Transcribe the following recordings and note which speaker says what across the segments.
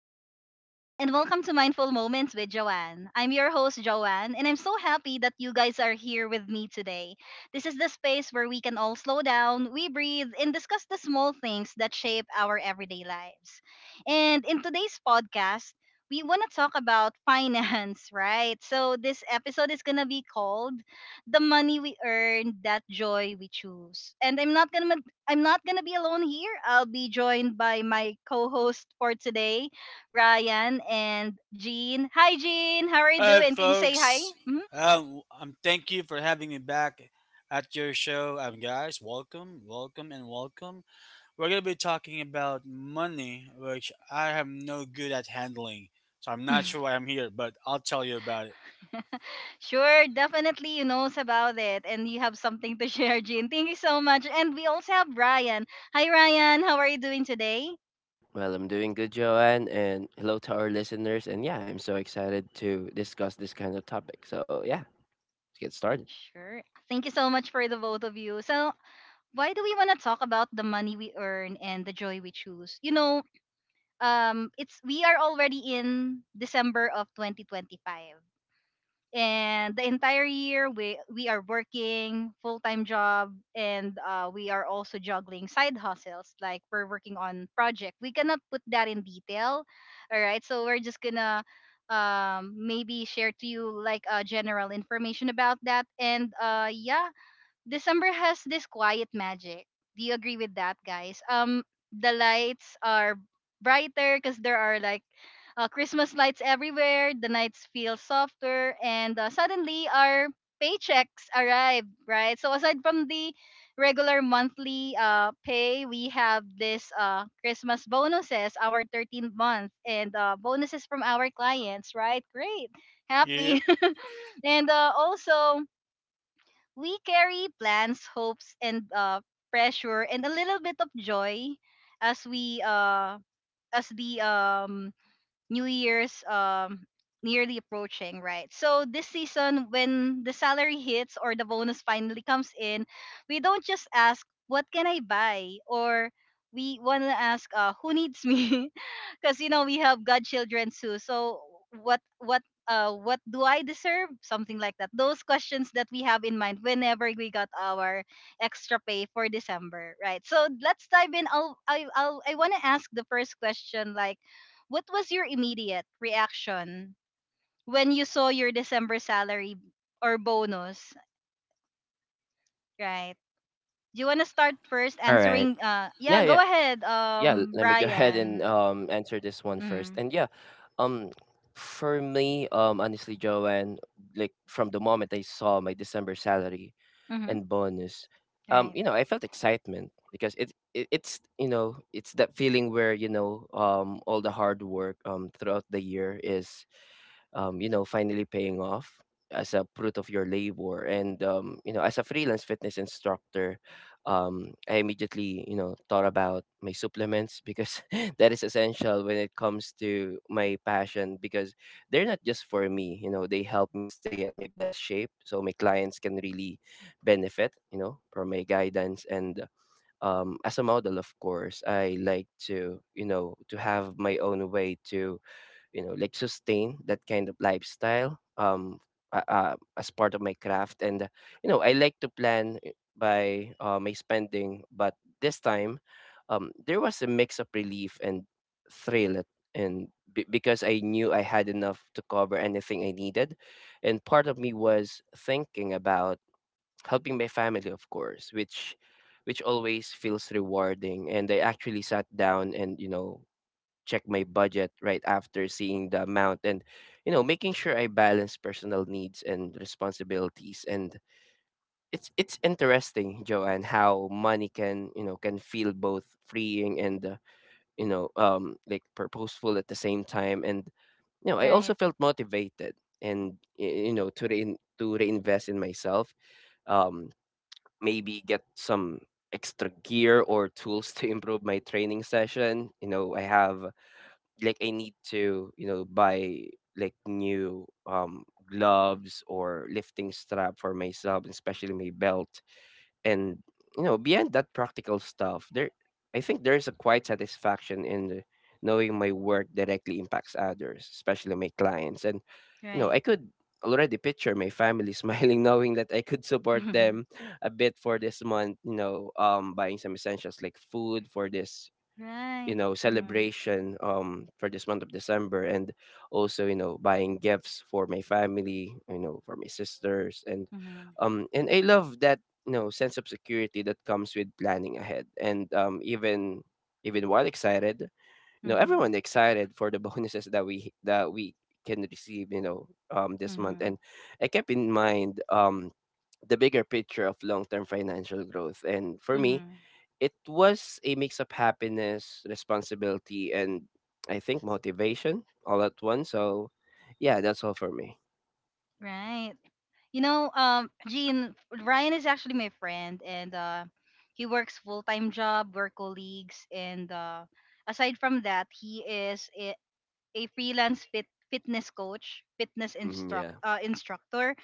Speaker 1: Hi, everyone, and welcome to Mindful Moments with Joanne. I'm your host, Joanne, and I'm so happy that you guys are here with me today. This is the space where we can all slow down, we breathe, and discuss the small things that shape our everyday lives. And in today's podcast, we want to talk about finance, right? So, this episode is going to be called The Money We Earn, That Joy We Choose. And I'm not going to be alone here. I'll be joined by my co-host for today, Ryan, and Jean. Hi, Jean. How are you
Speaker 2: All right,
Speaker 1: doing? Can you say hi?
Speaker 2: folks.
Speaker 1: Mhm.
Speaker 2: Thank you for having me back at your show. Guys, welcome, welcome, and welcome. We're gonna be talking about money, which I am no good at handling, so I'm not sure why I'm here, but I'll tell you about it.
Speaker 1: Sure, definitely you knows about it and you have something to share, Jean. Thank you so much. And we also have Ryan. Hi, Ryan. How are you doing today?
Speaker 3: Well, I'm doing good, Joanne, and hello to our listeners. And yeah, I'm so excited to discuss this kind of topic. So yeah, let's get started.
Speaker 1: Sure. Thank you so much for the both of you. So, why do we want to talk about the money we earn and the joy we choose? You know, it's we are already in December of 2025. And the entire year we are working full-time job, and we are also juggling side hustles like we're working on project we cannot put that in detail. All right, so we're just gonna, maybe share to you like general information about that, and yeah. December has this quiet magic. Do you agree with that, guys? The lights are brighter because there are like Christmas lights everywhere. The nights feel softer, and suddenly our paychecks arrive, right? So aside from the regular monthly pay, we have this Christmas bonuses, our 13th month, and bonuses from our clients, right? Great, happy,
Speaker 2: Yep.
Speaker 1: and also. We carry plans, hopes, and pressure, and a little bit of joy as we as the New Year's nearly approaching, right? So this season, when the salary hits or the bonus finally comes in, we don't just ask what can I buy, or we want to ask, who needs me? Because you know we have godchildren too. So what what what do I deserve? Something like that. Those questions that we have in mind whenever we got our extra pay for December, right? So let's dive in. I want to ask the first question. Like, what was your immediate reaction when you saw your December salary or bonus? Right. Do you want to start first
Speaker 3: All right.
Speaker 1: answering? Yeah,
Speaker 3: Yeah, yeah,
Speaker 1: go ahead,
Speaker 3: Let me go ahead and
Speaker 1: Ryan.
Speaker 3: answer this one
Speaker 1: Mm-hmm.
Speaker 3: first. And um, for me, honestly, Joanne, like from the moment I saw my December salary
Speaker 1: Mm-hmm.
Speaker 3: and bonus,
Speaker 1: Right.
Speaker 3: I felt excitement because it's that feeling where all the hard work throughout the year is you know, finally paying off as a fruit of your labor. And, you know, as a freelance fitness instructor, I immediately, you know, thought about my supplements because that is essential when it comes to my passion because they're not just for me, you know, they help me stay at my best shape. So my clients can really benefit, you know, from my guidance. And, as a model, of course, I like to, you know, to have my own way to you know like sustain that kind of lifestyle as part of my craft and you know I like to plan I- by my spending. But this time there was a mix of relief and thrill because I knew I had enough to cover anything I needed, and part of me was thinking about helping my family, of course, which always feels rewarding. And I actually sat down and, you know, check my budget right after seeing the amount and, you know, making sure I balance personal needs and responsibilities. And it's interesting, Joanne, how money can, you know, can feel both freeing and you know, like purposeful at the same time. And you know I also
Speaker 1: Right.
Speaker 3: felt motivated and you know to reinvest in myself, um maybe get some extra gear or tools to improve my training session. You know, I have like I need to, you know, buy like new gloves or lifting strap for myself, especially my belt. And you know, beyond that practical stuff, there I think there's a quiet satisfaction in knowing my work directly impacts others, especially my clients. And you know,
Speaker 1: Right.
Speaker 3: I could already picture my family smiling knowing that I could support
Speaker 1: Mhm.
Speaker 3: them a bit for this month, you know, buying some essentials like food for this, you
Speaker 1: Right.
Speaker 3: know,
Speaker 1: Mhm.
Speaker 3: celebration for this month of December, and also you know buying gifts for my family, you know, for my sisters. And
Speaker 1: Mhm.
Speaker 3: and I love that, you know, sense of security that comes with planning ahead. And even while excited, you know, everyone
Speaker 1: Mhm.
Speaker 3: excited for the bonuses that we can receive, you know, this month. And
Speaker 1: Mhm.
Speaker 3: I kept in mind the bigger picture of long-term financial growth. And for me,
Speaker 1: Mhm.
Speaker 3: it was a mix of happiness, responsibility, and I think motivation all at once. So, yeah, that's all for me.
Speaker 1: Right. You know, Gene, Ryan is actually my friend, and he works full time job. We're colleagues, and aside from that, he is a freelance fitness coach, fitness
Speaker 3: Mhm.
Speaker 1: instruct
Speaker 3: Yeah.
Speaker 1: uh, instructor,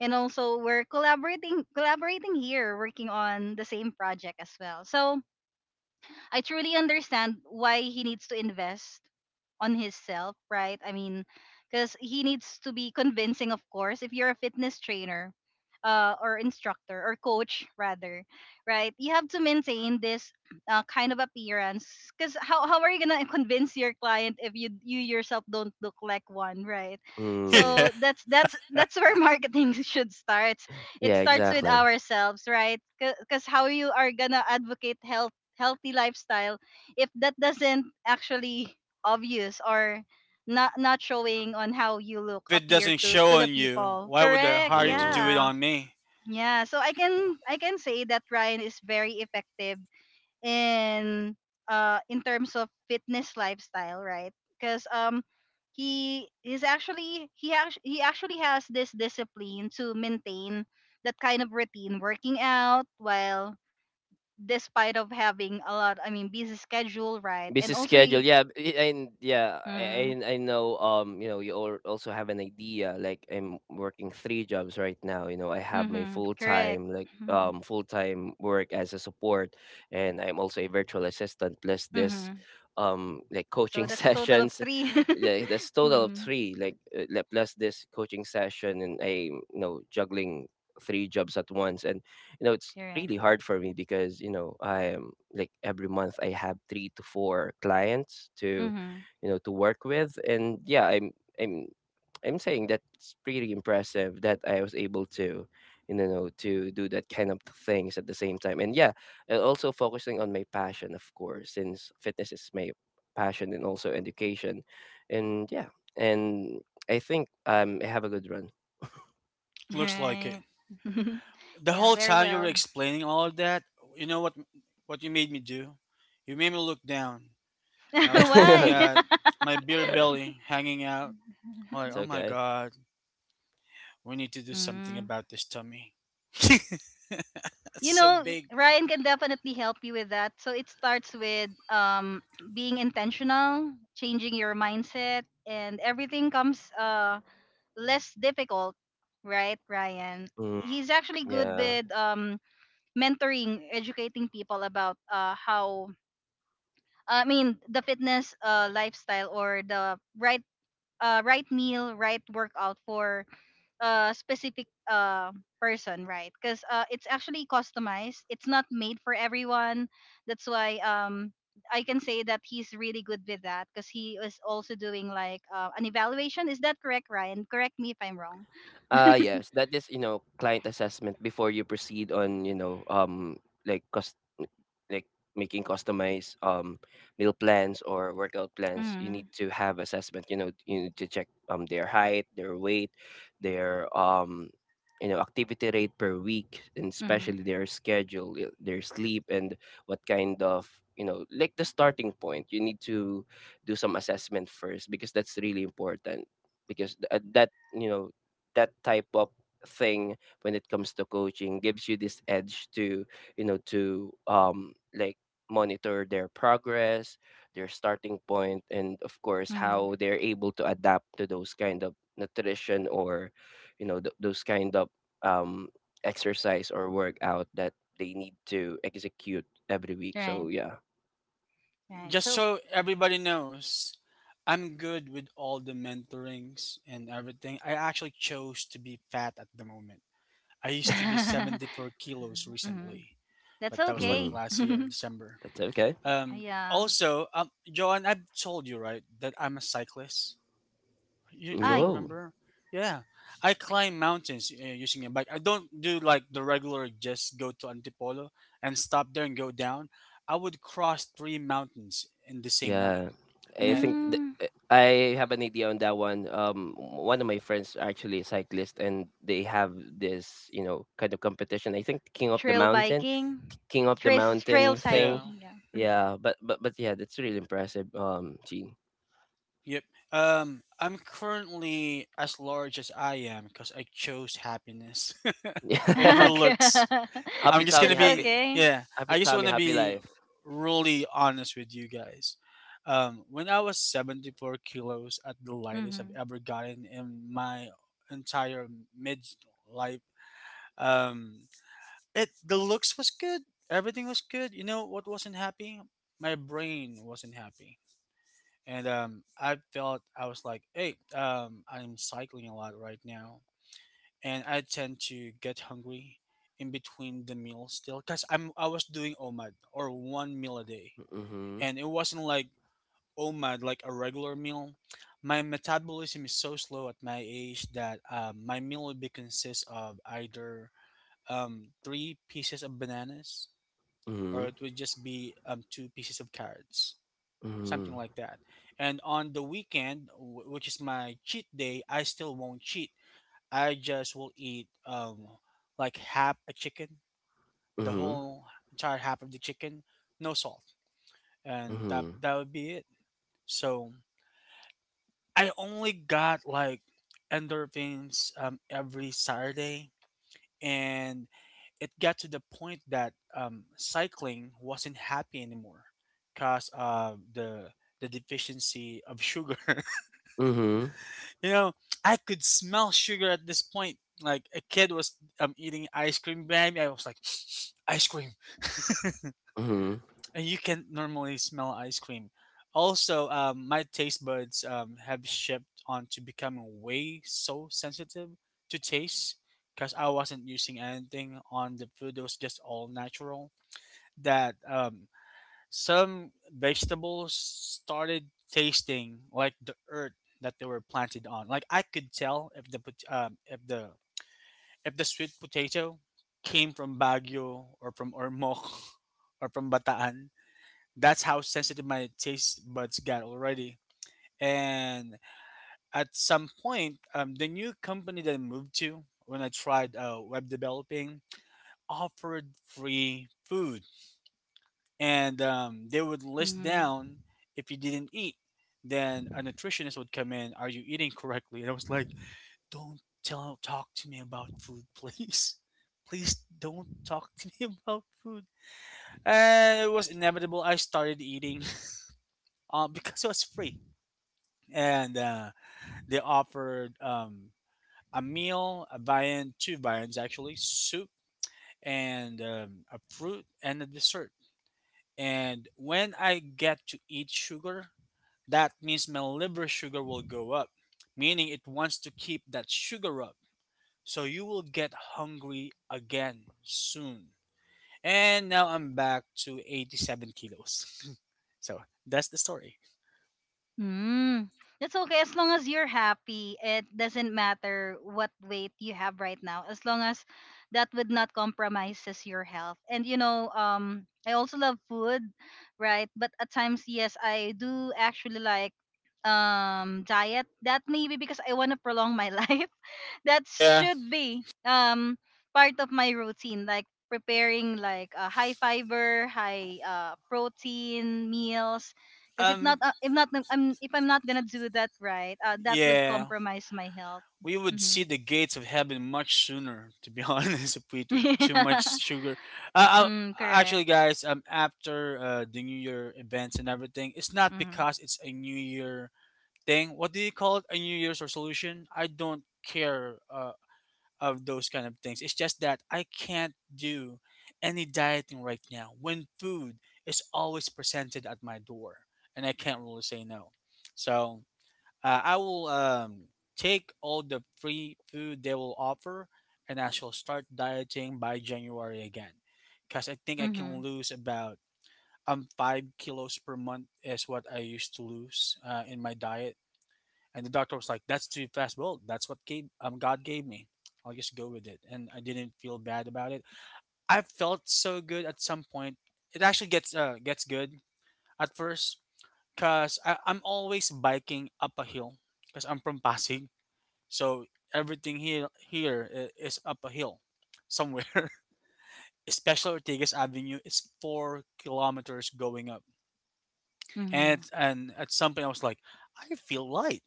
Speaker 1: and also we're collaborating here, working on the same project as well. So, I truly understand why he needs to invest on himself, right? I mean, because he needs to be convincing, of course. If you're a fitness trainer, or instructor or coach rather, right? You have to maintain this kind of appearance. Because how are you gonna convince your client if you yourself don't look like one, right?
Speaker 3: Mm,
Speaker 1: So that's where marketing should start.
Speaker 3: yeah,
Speaker 1: It starts with
Speaker 3: exactly.
Speaker 1: ourselves, right? Because how you are gonna advocate health healthy lifestyle if that doesn't actually obvious or not showing on how you look
Speaker 2: If it
Speaker 1: appear
Speaker 2: doesn't
Speaker 1: to
Speaker 2: show
Speaker 1: the
Speaker 2: on you,
Speaker 1: people,
Speaker 2: why would I
Speaker 1: correct?
Speaker 2: hire you to do
Speaker 3: Mm.
Speaker 2: it
Speaker 1: Yeah,
Speaker 2: on me?
Speaker 1: yeah, so i
Speaker 2: Yeah,
Speaker 1: can i can say that Ryan is very effective in in terms of fitness lifestyle, right? Because he is actually he actually has this discipline to maintain that kind of routine working out while despite of having a lot, I mean busy schedule, right? And
Speaker 3: Busy
Speaker 1: also
Speaker 3: schedule,
Speaker 1: y-,
Speaker 3: yeah. And yeah, I,
Speaker 1: mm,
Speaker 3: I I know, you know, you also have an idea, like I'm working three jobs right now. You know, I have my
Speaker 1: mm-hmm, correct,
Speaker 3: full-time like
Speaker 1: mm-hmm,
Speaker 3: full-time work as a support, and I'm also a virtual assistant plus this
Speaker 1: mm-hmm.
Speaker 3: like
Speaker 1: So
Speaker 3: coaching
Speaker 1: that's a total of
Speaker 3: sessions.
Speaker 1: three.
Speaker 3: Yeah, that's total of
Speaker 1: mm,
Speaker 3: three, like plus this coaching session. And I, you know, juggling three jobs at once. And you know it's
Speaker 1: correct.
Speaker 3: really hard for me because you know I am like every month I have three to four clients to,
Speaker 1: Mm-hmm.
Speaker 3: you know, to work with. And yeah, i'm I'm saying that's pretty impressive that I was able to, you know, to do that kind of things at the same time. And yeah, and also focusing on my passion, of course, since fitness is my passion and also education. And and I think I have a good run.
Speaker 2: looks like it.
Speaker 1: Right.
Speaker 2: The
Speaker 1: Yeah,
Speaker 2: whole
Speaker 1: very
Speaker 2: time you were
Speaker 1: well.
Speaker 2: explaining all of that, you know what? What you made me do? You made me look down. I was looking
Speaker 1: Why?
Speaker 2: at my beer belly hanging out. I'm like,
Speaker 3: It's
Speaker 2: oh my
Speaker 3: okay.
Speaker 2: god, we need to do something
Speaker 1: Mm.
Speaker 2: about this tummy. That's
Speaker 1: You
Speaker 2: so
Speaker 1: know, y-
Speaker 2: big.
Speaker 1: Ryan can definitely help you with that, so it starts with being intentional, changing your mindset, and everything comes less difficult, right, Ryan?
Speaker 3: Mm,
Speaker 1: He's actually good
Speaker 3: yeah.
Speaker 1: with mentoring, educating people about how, I mean, the fitness lifestyle, or the right right meal, right workout for a specific person, right? Because it's actually customized. It's not made for everyone. That's why I can say that he's really good with that, because he is also doing like an evaluation. Is that correct, Ryan? Correct me if I'm wrong.
Speaker 3: Yes, that is, you know, client assessment before you proceed on, you know, like cost, like making customized meal plans or workout plans. You need
Speaker 1: Hmm.
Speaker 3: to have assessment. You know, you need to check their height, their weight, their you know, activity rate per week, and
Speaker 1: Mhm.
Speaker 3: especially their schedule, their sleep, and what kind of, you know, like the starting point. You need to do some assessment first because that's really important, because at that, you know, that type of thing when it comes to coaching gives you this edge to you know to like monitor their progress, their starting point, and of course
Speaker 1: Mhm.
Speaker 3: how they're able to adapt to those kind of nutrition or you know those kind of um exercise or workout that they need to execute every week.
Speaker 1: Right.
Speaker 3: So yeah.
Speaker 1: Right.
Speaker 2: Just
Speaker 1: So
Speaker 2: so everybody knows, I'm good with all the mentorings and everything. I actually chose to be fat at the moment. I used to be 74 kilos
Speaker 1: mm,
Speaker 2: recently,
Speaker 1: that's
Speaker 2: but that was like
Speaker 1: okay.
Speaker 3: Mm,
Speaker 2: last year in December.
Speaker 3: that's okay.
Speaker 2: Um,
Speaker 1: Yeah.
Speaker 2: Also, Joan, I've told you, right, that I'm a cyclist. Do you
Speaker 1: I
Speaker 3: Oh.
Speaker 2: remember? Yeah, I climb mountains using a bike. I don't do like the regular just go to Antipolo and stop there and go down. I would cross three mountains in the same night.
Speaker 3: Yeah,
Speaker 2: And
Speaker 3: I
Speaker 2: I
Speaker 3: think th-
Speaker 1: mm,
Speaker 3: uh, I have an idea on that one. One of my friends are actually a cyclist, and they have this, you know, kind of competition. I think
Speaker 1: trail biking,
Speaker 3: King of the
Speaker 1: trail trail
Speaker 3: Mountain
Speaker 2: Yeah,
Speaker 3: thing.
Speaker 1: cycling. Yeah.
Speaker 3: Yeah, but yeah, that's really impressive. Gene.
Speaker 2: yep. I'm currently as large as I am because I chose happiness
Speaker 1: Mhm.
Speaker 2: over
Speaker 1: Okay.
Speaker 2: looks. I'm
Speaker 3: happy
Speaker 2: just
Speaker 3: Tommy,
Speaker 2: gonna
Speaker 1: That's
Speaker 3: happy
Speaker 2: be
Speaker 1: okay.
Speaker 2: Yeah.
Speaker 3: Happy
Speaker 2: I just
Speaker 3: Tommy,
Speaker 2: wanna
Speaker 3: happy
Speaker 2: be
Speaker 3: life.
Speaker 2: really honest with you guys. When I was 74 kilos at the lightest I've
Speaker 1: Mhm.
Speaker 2: ever gotten in my entire mid life, um, it the looks was good. Everything was good. You know what wasn't happy? My brain wasn't happy. And I felt I was like, hey, I'm cycling a lot right now and I tend to get hungry in between the meals still because I was doing OMAD or one meal a day,
Speaker 3: Mm-hmm.
Speaker 2: and it wasn't like OMAD like a regular meal. My metabolism is so slow at my age that my meal would be consist of either three pieces of bananas or
Speaker 3: Mm-hmm.
Speaker 2: it would just be two pieces of carrots,
Speaker 3: Mm-hmm.
Speaker 2: something like that. And on the weekend, which is my cheat day, I still won't cheat. I just will eat like half a chicken, the whole entire half of the chicken, no salt, and that
Speaker 3: Mm-hmm.
Speaker 2: that would be it. So I only got like endorphins every Saturday, and it got to the point that cycling wasn't happy anymore because of the deficiency of sugar.
Speaker 3: Mm-hmm. Mm-hmm.
Speaker 2: You know, I could smell sugar at this point. Like a kid was eating ice cream behind me. I was like, ice cream.
Speaker 3: Mm-hmm.
Speaker 2: And you can normally smell ice cream. Also, my taste buds have shifted on to becoming way so sensitive to taste because I wasn't using anything on the food. It was just all natural. That some vegetables started tasting like the earth that they were planted on. Like I could tell if the sweet potato came from Baguio or from Ormoc or from Bataan. That's how sensitive my taste buds got already. And at some point, the new company that I moved to when I tried web developing offered free food and they would list
Speaker 1: Mhm.
Speaker 2: down if you didn't eat, then a nutritionist would come in, are you eating correctly. And I was like, don't tell talk to me about food, please. Please don't talk to me about food. And it was inevitable, I started eating. Because it was free and they offered a meal, a viand, two viands actually, soup, and a fruit and a dessert. And when I get to eat sugar, that means my liver sugar will go up, meaning it wants to keep that sugar up. So you will get hungry again soon. And now I'm back to 87 kilos. So that's the story.
Speaker 1: Hmm. That's okay as long as you're happy. It doesn't matter what weight you have right now, as long as that would not compromises your health. And you know, I also love food, right? But at times, yes, I do actually like diet. That maybe because I want to prolong my life. That
Speaker 2: Yeah.
Speaker 1: should be um part of my routine, like preparing like high fiber, high protein meals, because if not,
Speaker 2: Um
Speaker 1: I'm, if I'm not gonna do that right, that would
Speaker 2: yeah.
Speaker 1: compromise my health.
Speaker 2: We would see
Speaker 1: Mm-hmm.
Speaker 2: the gates of heaven much sooner, to be honest, if we eat too much sugar. Uh, uh,
Speaker 1: Correct.
Speaker 2: Actually, guys, after the New Year events and everything, it's not
Speaker 1: Mm-hmm.
Speaker 2: because it's a New Year thing. What do you call it? A New Year's resolution? I don't care of those kind of things. It's just that I can't do any dieting right now when food is always presented at my door and I can't really say no. So I will take all the free food they will offer, and I shall start dieting by January again. Because I think I can
Speaker 1: Mm-hmm.
Speaker 2: lose about 5 kilos per month is what I used to lose in my diet. And the doctor was like, "That's too fast. Well, that's what God gave me. I'll just go with it." And I didn't feel bad about it. I felt so good at some point. It actually gets good at first because I'm always biking up a hill because I'm from Pasig. So everything is up a hill somewhere. Especially Ortigas Avenue, it's 4 kilometers going up. And
Speaker 1: Mm-hmm.
Speaker 2: and at some point I was like, I feel light.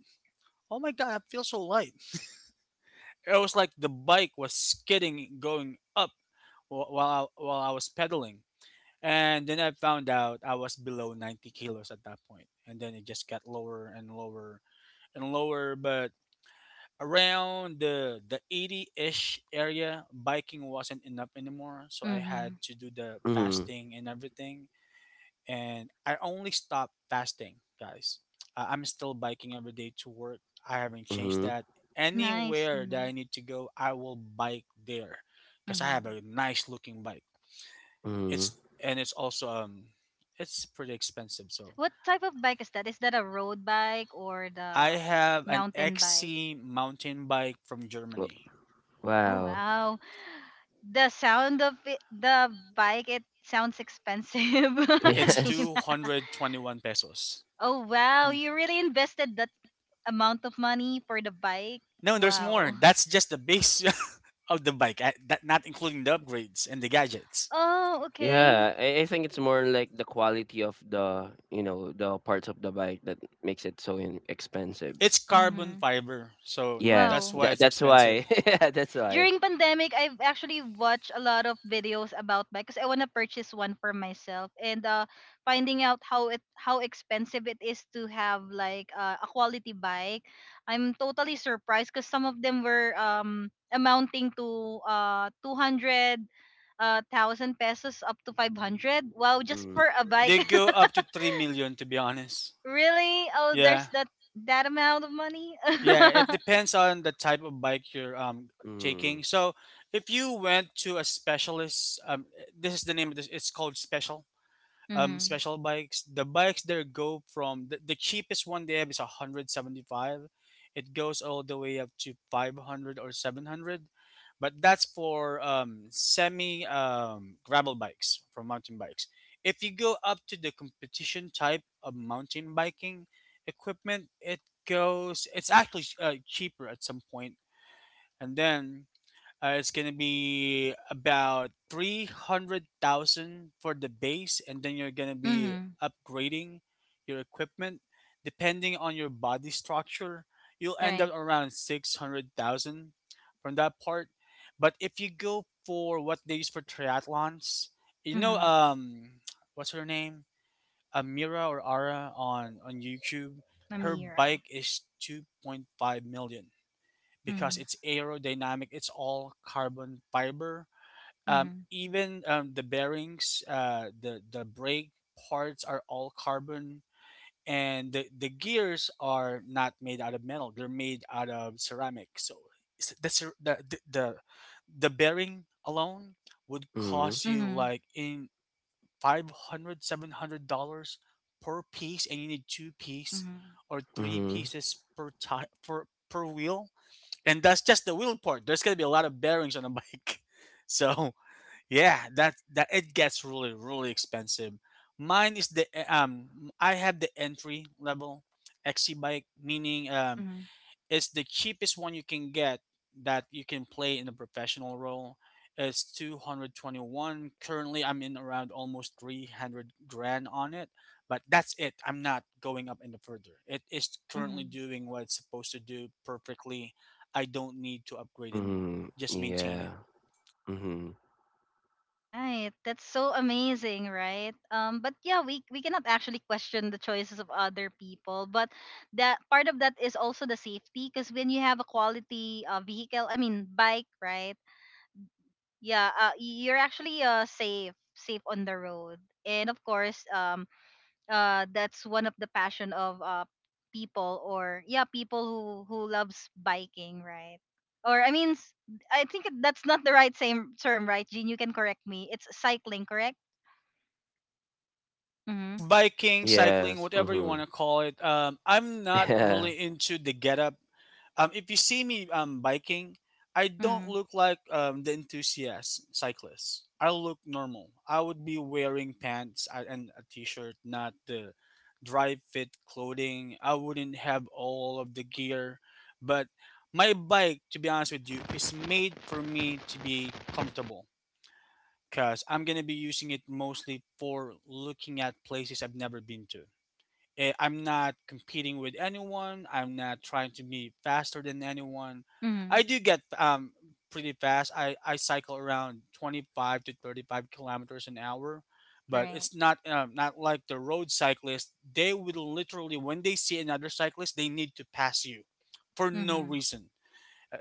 Speaker 2: Oh my god, I feel so light. It was like the bike was skidding going up while I was pedaling. And then I found out I was below 90 kilos at that point. And then it just got lower and lower and lower. But around the 80 ish area, biking wasn't enough anymore. So I had
Speaker 1: Mm-hmm.
Speaker 2: to do the
Speaker 3: Mm-hmm.
Speaker 2: fasting and everything, and I only stopped fasting, guys. I'm still biking every day to work. I haven't
Speaker 3: Mm-hmm.
Speaker 2: changed that.
Speaker 1: Nice.
Speaker 2: Anywhere that
Speaker 1: Mm-hmm.
Speaker 2: I need to go, I will bike there because I have
Speaker 1: Mm-hmm.
Speaker 2: a nice looking bike.
Speaker 3: Mm-hmm.
Speaker 2: It's and it's also it's pretty expensive. So
Speaker 1: What type of bike is that? Is that a road bike or
Speaker 2: I
Speaker 1: the
Speaker 2: have an
Speaker 1: mountain bike?
Speaker 2: XC mountain bike from Germany.
Speaker 1: Oh
Speaker 3: Wow.
Speaker 1: wow, the sound of it, the bike. It sounds expensive,
Speaker 2: It's
Speaker 1: Gina.
Speaker 3: Yes.
Speaker 2: 221 pesos.
Speaker 1: Oh wow,
Speaker 2: Mm.
Speaker 1: you really invested that amount of money for the bike?
Speaker 2: No, there's more.
Speaker 1: Wow.
Speaker 2: That's just the base of the bike, not including the upgrades and the gadgets.
Speaker 1: Oh, okay.
Speaker 3: Yeah, I think it's more like the quality of the you know the parts of the bike that makes it so expensive.
Speaker 2: It's carbon
Speaker 1: Mhm.
Speaker 2: fiber, so
Speaker 3: Yes,
Speaker 2: that's
Speaker 1: Wow.
Speaker 2: why it's
Speaker 3: that's
Speaker 2: expensive.
Speaker 3: why. Yeah, that's why.
Speaker 1: During pandemic I've actually watched a lot of videos about bike because I want to purchase one for myself, and finding out how it how expensive it is to have like a quality bike, I'm totally surprised because some of them were amounting to 200 thousand pesos up to 500. Wow, just
Speaker 3: Mm,
Speaker 1: for a
Speaker 2: They
Speaker 1: bike.
Speaker 2: go up to 3 million, to be honest.
Speaker 1: Really, oh, there's
Speaker 2: Yeah.
Speaker 1: that that amount of money.
Speaker 2: Yeah, it depends on the type of bike you're
Speaker 3: mm,
Speaker 2: taking. So, if you went to a specialist, this is the name of this, it's called special um
Speaker 1: Mm-hmm.
Speaker 2: special bikes. The bikes there go from the cheapest one they have is 175, it goes all the way up to 500 or 700. But that's for semi gravel bikes, from mountain bikes. If you go up to the competition type of mountain biking equipment, it's actually cheaper at some point. And then it's gonna be about 300,000 for the base, and then you're gonna be
Speaker 1: Mm-hmm.
Speaker 2: upgrading your equipment depending on your body structure. You'll end
Speaker 1: Right.
Speaker 2: up around 600,000 from that part. But if you go for what they use for triathlons, you know,
Speaker 1: Mm-hmm.
Speaker 2: um, what's her name, Amira or Ara on YouTube.
Speaker 1: a
Speaker 2: Her
Speaker 1: mira
Speaker 2: bike is 2.5 million because it's aerodynamic. It's all carbon fiber.
Speaker 1: Mhm.
Speaker 2: Even the bearings, the brake parts are all carbon, and the gears are not made out of metal. They're made out of ceramic. So s- the cer- the bearing alone would cost
Speaker 3: mm,
Speaker 2: you
Speaker 1: Mhm.
Speaker 2: like in 500 700 dollars per piece, and you need two piece
Speaker 1: Mhm.
Speaker 2: or three
Speaker 3: mm,
Speaker 2: pieces per time for per wheel. And that's just the wheel part. There's gonna be a lot of bearings on a bike, so yeah, that it gets really really expensive. Mine is the eh, I have the entry level XC bike, meaning
Speaker 1: Mhm.
Speaker 2: it's the cheapest one you can get that you can play in a professional role. It's 221. Currently, I'm in around almost 300 grand on it, but that's it. I'm not going up any further. It is currently
Speaker 1: Mhm.
Speaker 2: doing what it's supposed to do perfectly. I don't need to upgrade anymore.
Speaker 3: mm,
Speaker 2: Just maintain
Speaker 3: yeah.
Speaker 2: it.
Speaker 3: Mm,
Speaker 1: Right. That's so amazing, right? But yeah, we cannot actually question the choices of other people, but that part of that is also the safety, because when you have a quality vehicle, I mean bike, right? Yeah, y- you're actually safe, safe on the road. And of course, that's one of the passion of people, or yeah, people who loves biking, right? Or I mean s- I think that's not the right same term, right, Jean? You can correct me, it's cycling, correct?
Speaker 2: It's
Speaker 1: Mhm.
Speaker 2: biking, cycling,
Speaker 3: yes.
Speaker 2: whatever you
Speaker 3: Mm,
Speaker 2: want to call it. I'm not
Speaker 3: yeah.
Speaker 2: really into the getup. If you see me biking, I don't
Speaker 1: Mhm.
Speaker 2: look like the enthusiast cyclist. I look normal. I would be wearing pants and a t-shirt, not the dry fit clothing. I wouldn't have all of the gear, but my bike, to be honest with you, is made for me to be comfortable because I'm gonna be using it mostly for looking at places I've never been to. I'm not competing with anyone. I'm not trying to be faster than anyone. I
Speaker 1: Mhm.
Speaker 2: do get pretty fast. I cycle around 25 to 35 kilometers an hour, but
Speaker 1: Right.
Speaker 2: it's not like the road cyclists. They will literally, when they see another cyclist, they need to pass you for no
Speaker 1: Mhm.
Speaker 2: reason.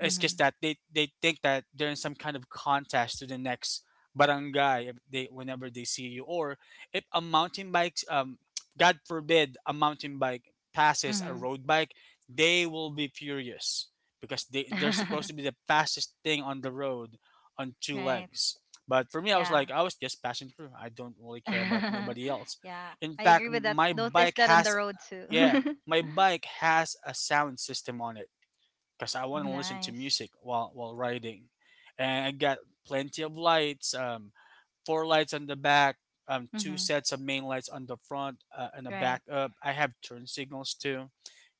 Speaker 2: It's just that they think that they're in some kind of contest to the next barangay, if they whenever they see you. Or if a mountain bike god forbid, a mountain bike passes a
Speaker 1: Mhm.
Speaker 2: road bike, they will be furious because they're supposed to be the fastest thing on the road, on two
Speaker 1: Right.
Speaker 2: legs. But for me, I was
Speaker 1: Yeah.
Speaker 2: like, I was just passing through. I don't really care about nobody else.
Speaker 1: Yeah,
Speaker 2: In
Speaker 1: I agree
Speaker 2: fact,
Speaker 1: with that,
Speaker 2: my
Speaker 1: notice
Speaker 2: bike
Speaker 1: that on the
Speaker 2: has.
Speaker 1: road too.
Speaker 2: Yeah, my bike has a sound system on it because I want to listen to
Speaker 1: Nice.
Speaker 2: music while riding, and I got plenty of lights. Four lights on the back, two
Speaker 1: Mhm.
Speaker 2: sets of main lights on the front, and a
Speaker 1: Right.
Speaker 2: backup. I have turn signals too,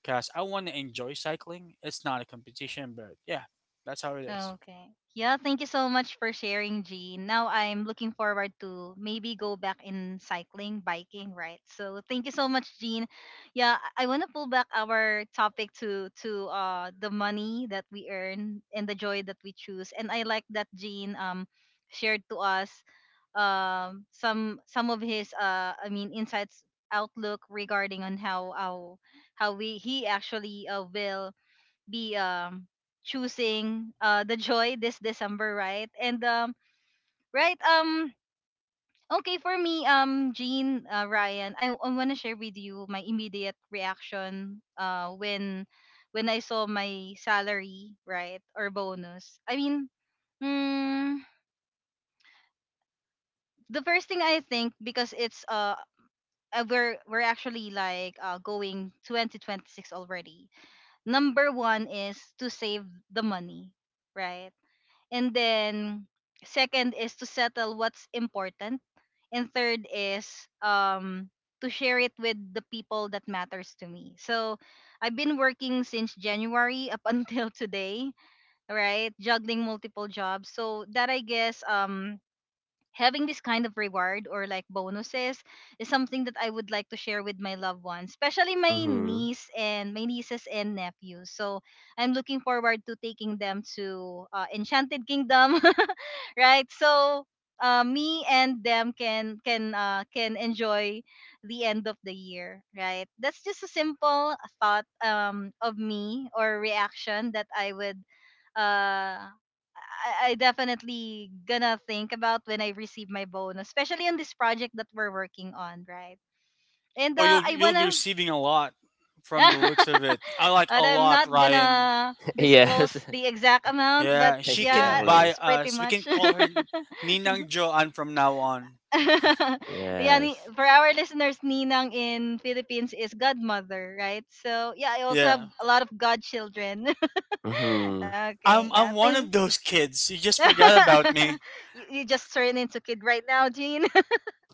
Speaker 2: because I want to enjoy cycling. It's not a competition, but yeah, that's how it is.
Speaker 1: Okay. Yeah, thank you so much for sharing, Jean. Now I'm looking forward to maybe go back in cycling, biking, right? So thank you so much, Jean. Yeah, I want to pull back our topic to the money that we earn and the joy that we choose. And I like that Jean shared to us some of his I mean insights, outlook, regarding on how we he actually will be choosing the joy this December, right? And right um okay, for me, Jean, Ryan, I want to share with you my immediate reaction when I saw my salary, right, or bonus. I mean, mm, the first thing I think, because it's we're actually like going 2026 already. Number 1 is to save the money, right? And then second is to settle what's important, and third is to share it with the people that matters to me. So I've been working since January up until today, right, juggling multiple jobs, so that I guess having this kind of reward or like bonuses is something that I would like to share with my loved ones, especially my
Speaker 3: Mm,
Speaker 1: niece and my nieces and nephews. So I'm looking forward to taking them to Enchanted Kingdom, right? So me and them can enjoy the end of the year, right? That's just a simple thought of me or reaction that I would uh I definitely gonna think about when I receive my bonus, especially on this project that we're working on, right? And
Speaker 2: Oh, you'll
Speaker 1: I
Speaker 2: you'll be
Speaker 1: wanna,
Speaker 2: receiving a lot from the looks of it. I like
Speaker 1: but
Speaker 2: a
Speaker 1: I'm
Speaker 2: lot,
Speaker 1: not
Speaker 2: Ryan.
Speaker 1: gonna disclose
Speaker 3: yes.
Speaker 1: the exact amount, but
Speaker 2: Yeah, she
Speaker 1: yeah,
Speaker 2: can buy
Speaker 3: Exactly.
Speaker 1: it's pretty
Speaker 2: us. We can
Speaker 1: much.
Speaker 2: call her Ninang Joan from now on.
Speaker 1: Yeah, ni-
Speaker 3: Yes.
Speaker 1: for our listeners, Ninang in Philippines is godmother, right? So yeah, I also have
Speaker 2: Yeah.
Speaker 1: a lot of godchildren.
Speaker 3: Mm.
Speaker 1: Okay,
Speaker 2: I'm
Speaker 1: yeah,
Speaker 2: I'm one
Speaker 1: thank.
Speaker 2: of those kids. You just forgot about me.
Speaker 1: You just turned into kid right now.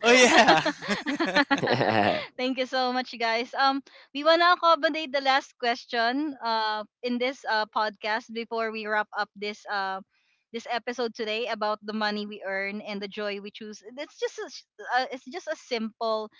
Speaker 2: Oh yeah.
Speaker 1: Thank you so much, you guys. We wanna accommodate the last question in this podcast before we wrap up this episode today about the money we earn and the joy we choose. It's just a simple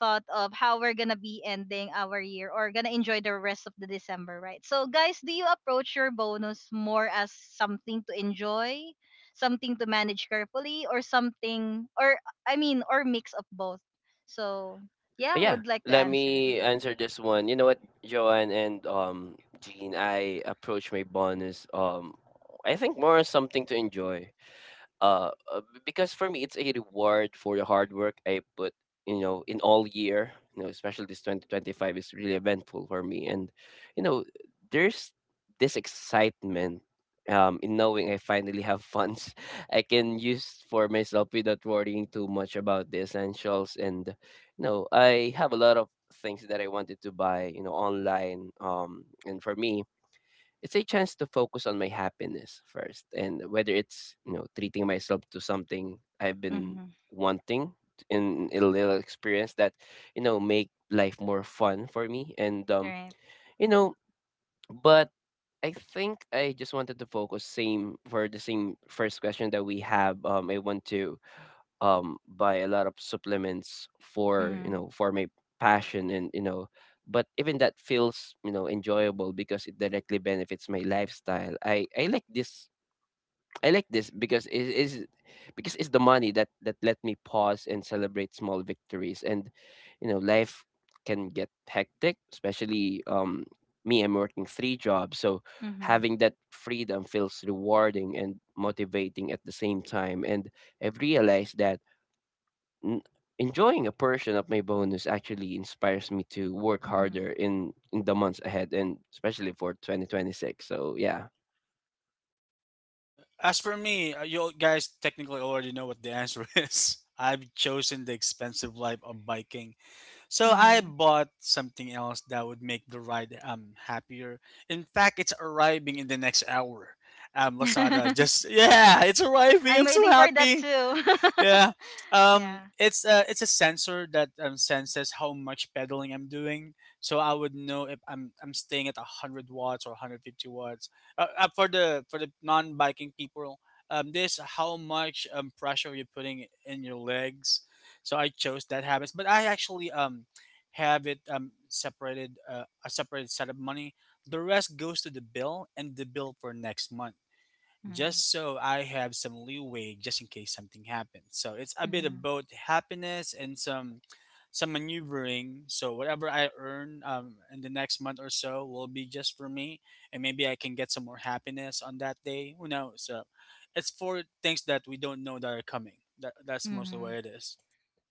Speaker 1: thought of how we're gonna be ending our year or gonna enjoy the rest of the December, right? So, guys, do you approach your bonus more as something to enjoy? Something to manage carefully or something or I mean or mix of both. So yeah, who
Speaker 3: Yeah,
Speaker 1: would like to
Speaker 3: let
Speaker 1: answer?
Speaker 3: me answer this one. You know what, Joanne and Jean, I approach my bonus I think more as something to enjoy. Because for me it's a reward for the hard work I put, you know, in all year, you know, especially this 2025 is really eventful for me. And you know there's this excitement in knowing I finally have funds I can use for myself without worrying too much about the essentials. And you know I have a lot of things that I wanted to buy, you know, online. And for me, it's a chance to focus on my happiness first, and whether it's, you know, treating myself to something I've been
Speaker 1: Mm-hmm.
Speaker 3: wanting in a little experience that, you know, make life more fun for me. And
Speaker 1: Right.
Speaker 3: you know, but I think I just wanted to focus same for the same first question that we have. I want to buy a lot of supplements for, you
Speaker 1: Mm-hmm.
Speaker 3: know, for my passion. And you know, but even that feels, you know, enjoyable because it directly benefits my lifestyle. I like this because it is because it's the money that let me pause and celebrate small victories. And you know life can get hectic, especially me, I'm working three jobs. So
Speaker 1: Mm-hmm.
Speaker 3: having that freedom feels rewarding and motivating at the same time. And I've realized that N enjoying a portion of my bonus actually inspires me to work
Speaker 1: Mm-hmm.
Speaker 3: harder in the months ahead, and especially for 2026. So, yeah.
Speaker 2: Yeah. As for me, you guys technically already know what the answer is. I've chosen the expensive life of biking, so I bought something else that would make the ride happier. In fact, it's arriving in the next hour. Lazada
Speaker 1: Mm-hmm.
Speaker 2: just yeah, it's arriving.
Speaker 1: I'm
Speaker 2: I'm so
Speaker 1: waiting for that
Speaker 2: happy.
Speaker 1: too.
Speaker 2: Yeah.
Speaker 1: Yeah.
Speaker 2: It's a sensor that senses how much pedaling I'm doing, so I would know if I'm staying at 100 watts or 150 watts. For the non biking people, this how much pressure you're putting in your legs. So I chose that habits, but I actually have it separated a separated set of money. The rest goes to the bill and the bill for next month,
Speaker 1: Mm-hmm.
Speaker 2: just so I have some leeway just in case something happens. So it's a bit of both happiness and some maneuvering. So whatever I earn, in the next month or so will be just for me, and maybe I can get some more happiness on that day. Who knows? So it's for things that we don't know that are coming. That's mostly
Speaker 1: Mm-hmm.
Speaker 2: what it is.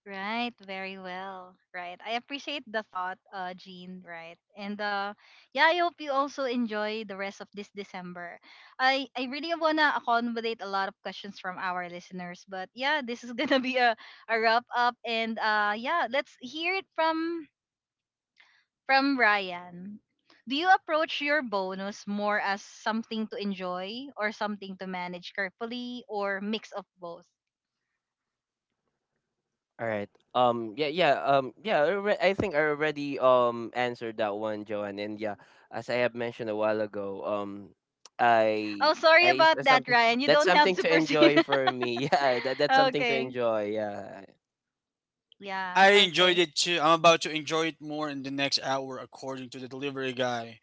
Speaker 1: Right, very well. Right. I appreciate the thought, Jean, right? And yeah, I hope you also enjoy the rest of this December. I really wanna accommodate a lot of questions from our listeners, but yeah, this is gonna be a wrap up, and yeah, let's hear it from Ryan. Do you approach your bonus more as something to enjoy or something to manage carefully or mix of both?
Speaker 3: All right. I think I already answered that one, Joanne. And yeah, as I have mentioned a while ago, I
Speaker 1: Oh, sorry
Speaker 3: I
Speaker 1: about
Speaker 3: that's
Speaker 1: that, Ryan. You don't have
Speaker 3: something
Speaker 1: to
Speaker 3: to
Speaker 1: proceed.
Speaker 3: enjoy for me. Yeah, that that's something to
Speaker 1: Okay.
Speaker 3: enjoy. Yeah.
Speaker 2: Yeah,
Speaker 1: Yeah,
Speaker 2: I enjoyed
Speaker 1: okay.
Speaker 2: it too. I'm about to enjoy it more in the next hour, according to the delivery guy,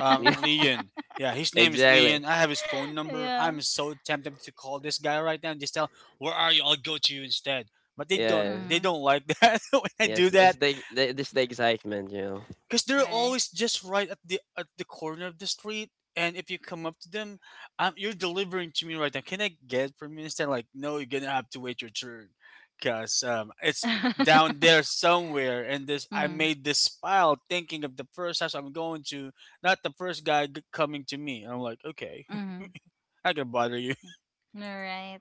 Speaker 3: Yeah,
Speaker 2: Leon. Yeah, his name is
Speaker 3: exactly.
Speaker 2: Leon. I have his phone number.
Speaker 1: Yeah.
Speaker 2: I'm so tempted to call this guy right now and just tell, "Where are you? I'll go to you instead." But they don't.
Speaker 3: Yeah.
Speaker 2: They
Speaker 1: Mm-hmm.
Speaker 2: don't like that when I
Speaker 3: Yes,
Speaker 2: do
Speaker 3: it's
Speaker 2: that,
Speaker 3: the excitement, you know.
Speaker 2: because they're
Speaker 1: Right.
Speaker 2: always just right at the corner of the street. And if you come up to them, you're delivering to me right now, can I get from you instead? Like, no, you're gonna have to wait your turn because it's down there somewhere, and this, I
Speaker 1: Mm-hmm.
Speaker 2: made this pile thinking of the first house I'm going to, not the first coming to me, and I'm like, okay,
Speaker 1: Mm-hmm.
Speaker 2: I can bother you.
Speaker 1: All right.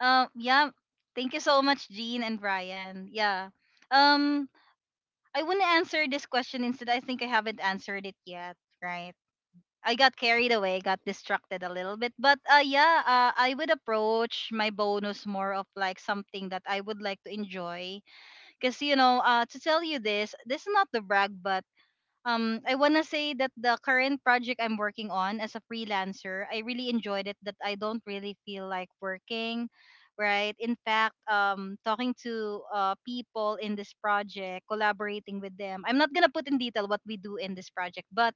Speaker 1: Yeah. Thank you so much, Jean and Ryan. Yeah. Um, I want to answer this question instead. I think I haven't answered it yet, right? I got carried away, got distracted a little bit. But yeah, I would approach my bonus more of like something that I would like to enjoy. Cause you know, to tell you this, this is not the brag, but I want to say that the current project I'm working on as a freelancer, I really enjoyed it that I don't really feel like working, right? In fact, talking to people in this project, collaborating with them. I'm not going to put in detail what we do in this project, but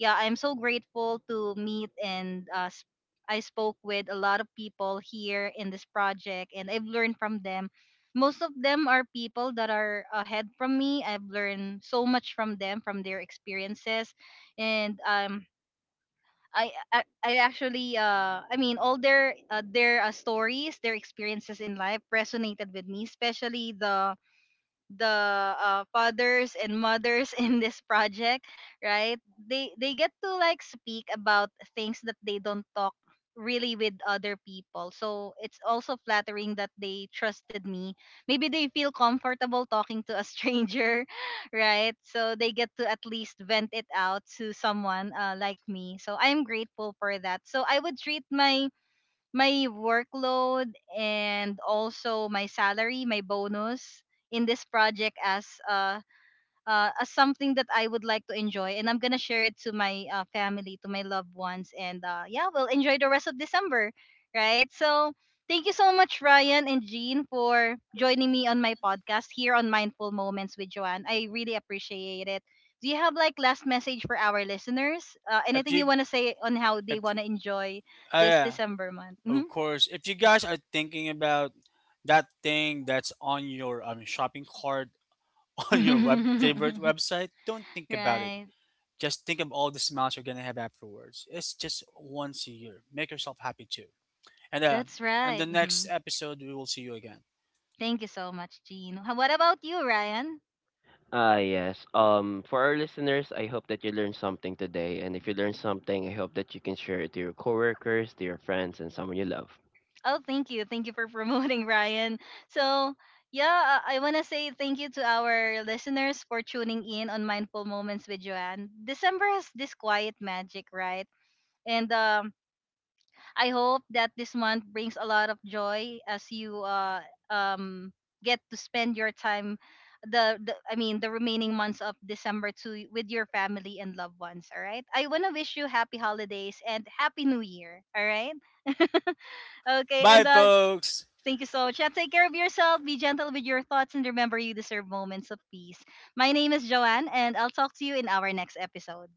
Speaker 1: yeah, I'm so grateful to meet I spoke with a lot of people here in this project, and I've learned from them. Most of them are people that are ahead from me. I've learned so much from them, from their experiences, and I actually all their stories, their experiences in life resonated with me, especially the fathers and mothers in this project, right? They get to like speak about things that they don't talk really with other people. So it's also flattering that they trusted me. Maybe they feel comfortable talking to a stranger, right? So they get to at least vent it out to someone like me. So I'm grateful for that. So I would treat my workload and also my salary, my bonus in this project as something that I would like to enjoy, and I'm going to share it to my family, to my loved ones, and yeah, we'll enjoy the rest of December, right? So thank you so much, Ryan and Jean, for joining me on my podcast here on Mindful Moments with Joanne. I really appreciate it. Do you have like last message for our listeners?
Speaker 2: If
Speaker 1: Anything
Speaker 2: you
Speaker 1: you want to say on how they
Speaker 2: if
Speaker 1: want to enjoy this
Speaker 2: yeah,
Speaker 1: December month?
Speaker 2: of
Speaker 1: Mm-hmm.
Speaker 2: course, if you guys are thinking about that thing that's on your shopping cart on your web favorite website, don't think about it.
Speaker 1: Right.
Speaker 2: Just think of all the smiles you're gonna have afterwards. It's just once a year. Make yourself happy too. And
Speaker 1: That's
Speaker 2: and
Speaker 1: right.
Speaker 2: the next
Speaker 1: Hmm.
Speaker 2: episode we will see you again.
Speaker 1: Thank you so much, Jean. Ho- What about you, Ryan?
Speaker 3: Ah, yes. For our listeners, I hope that you learned something today. And if you learned something, I hope that you can share it to your coworkers, to your friends, and someone you love.
Speaker 1: Oh, thank you. Thank you for promoting Ryan. So, yeah, I want to say thank you to our listeners for tuning in on Mindful Moments with Joanne. December has this quiet magic, right? And I hope that this month brings a lot of joy as you um, get to spend your time the I mean the remaining months of December to with your family and loved ones. All right. I wanna wish you happy holidays and happy new year. All right. Okay.
Speaker 2: Bye
Speaker 1: And
Speaker 2: folks.
Speaker 1: thank you so much. And take care of yourself. Be gentle with your thoughts and remember you deserve moments of peace. My name is Joanne, and I'll talk to you in our next episode.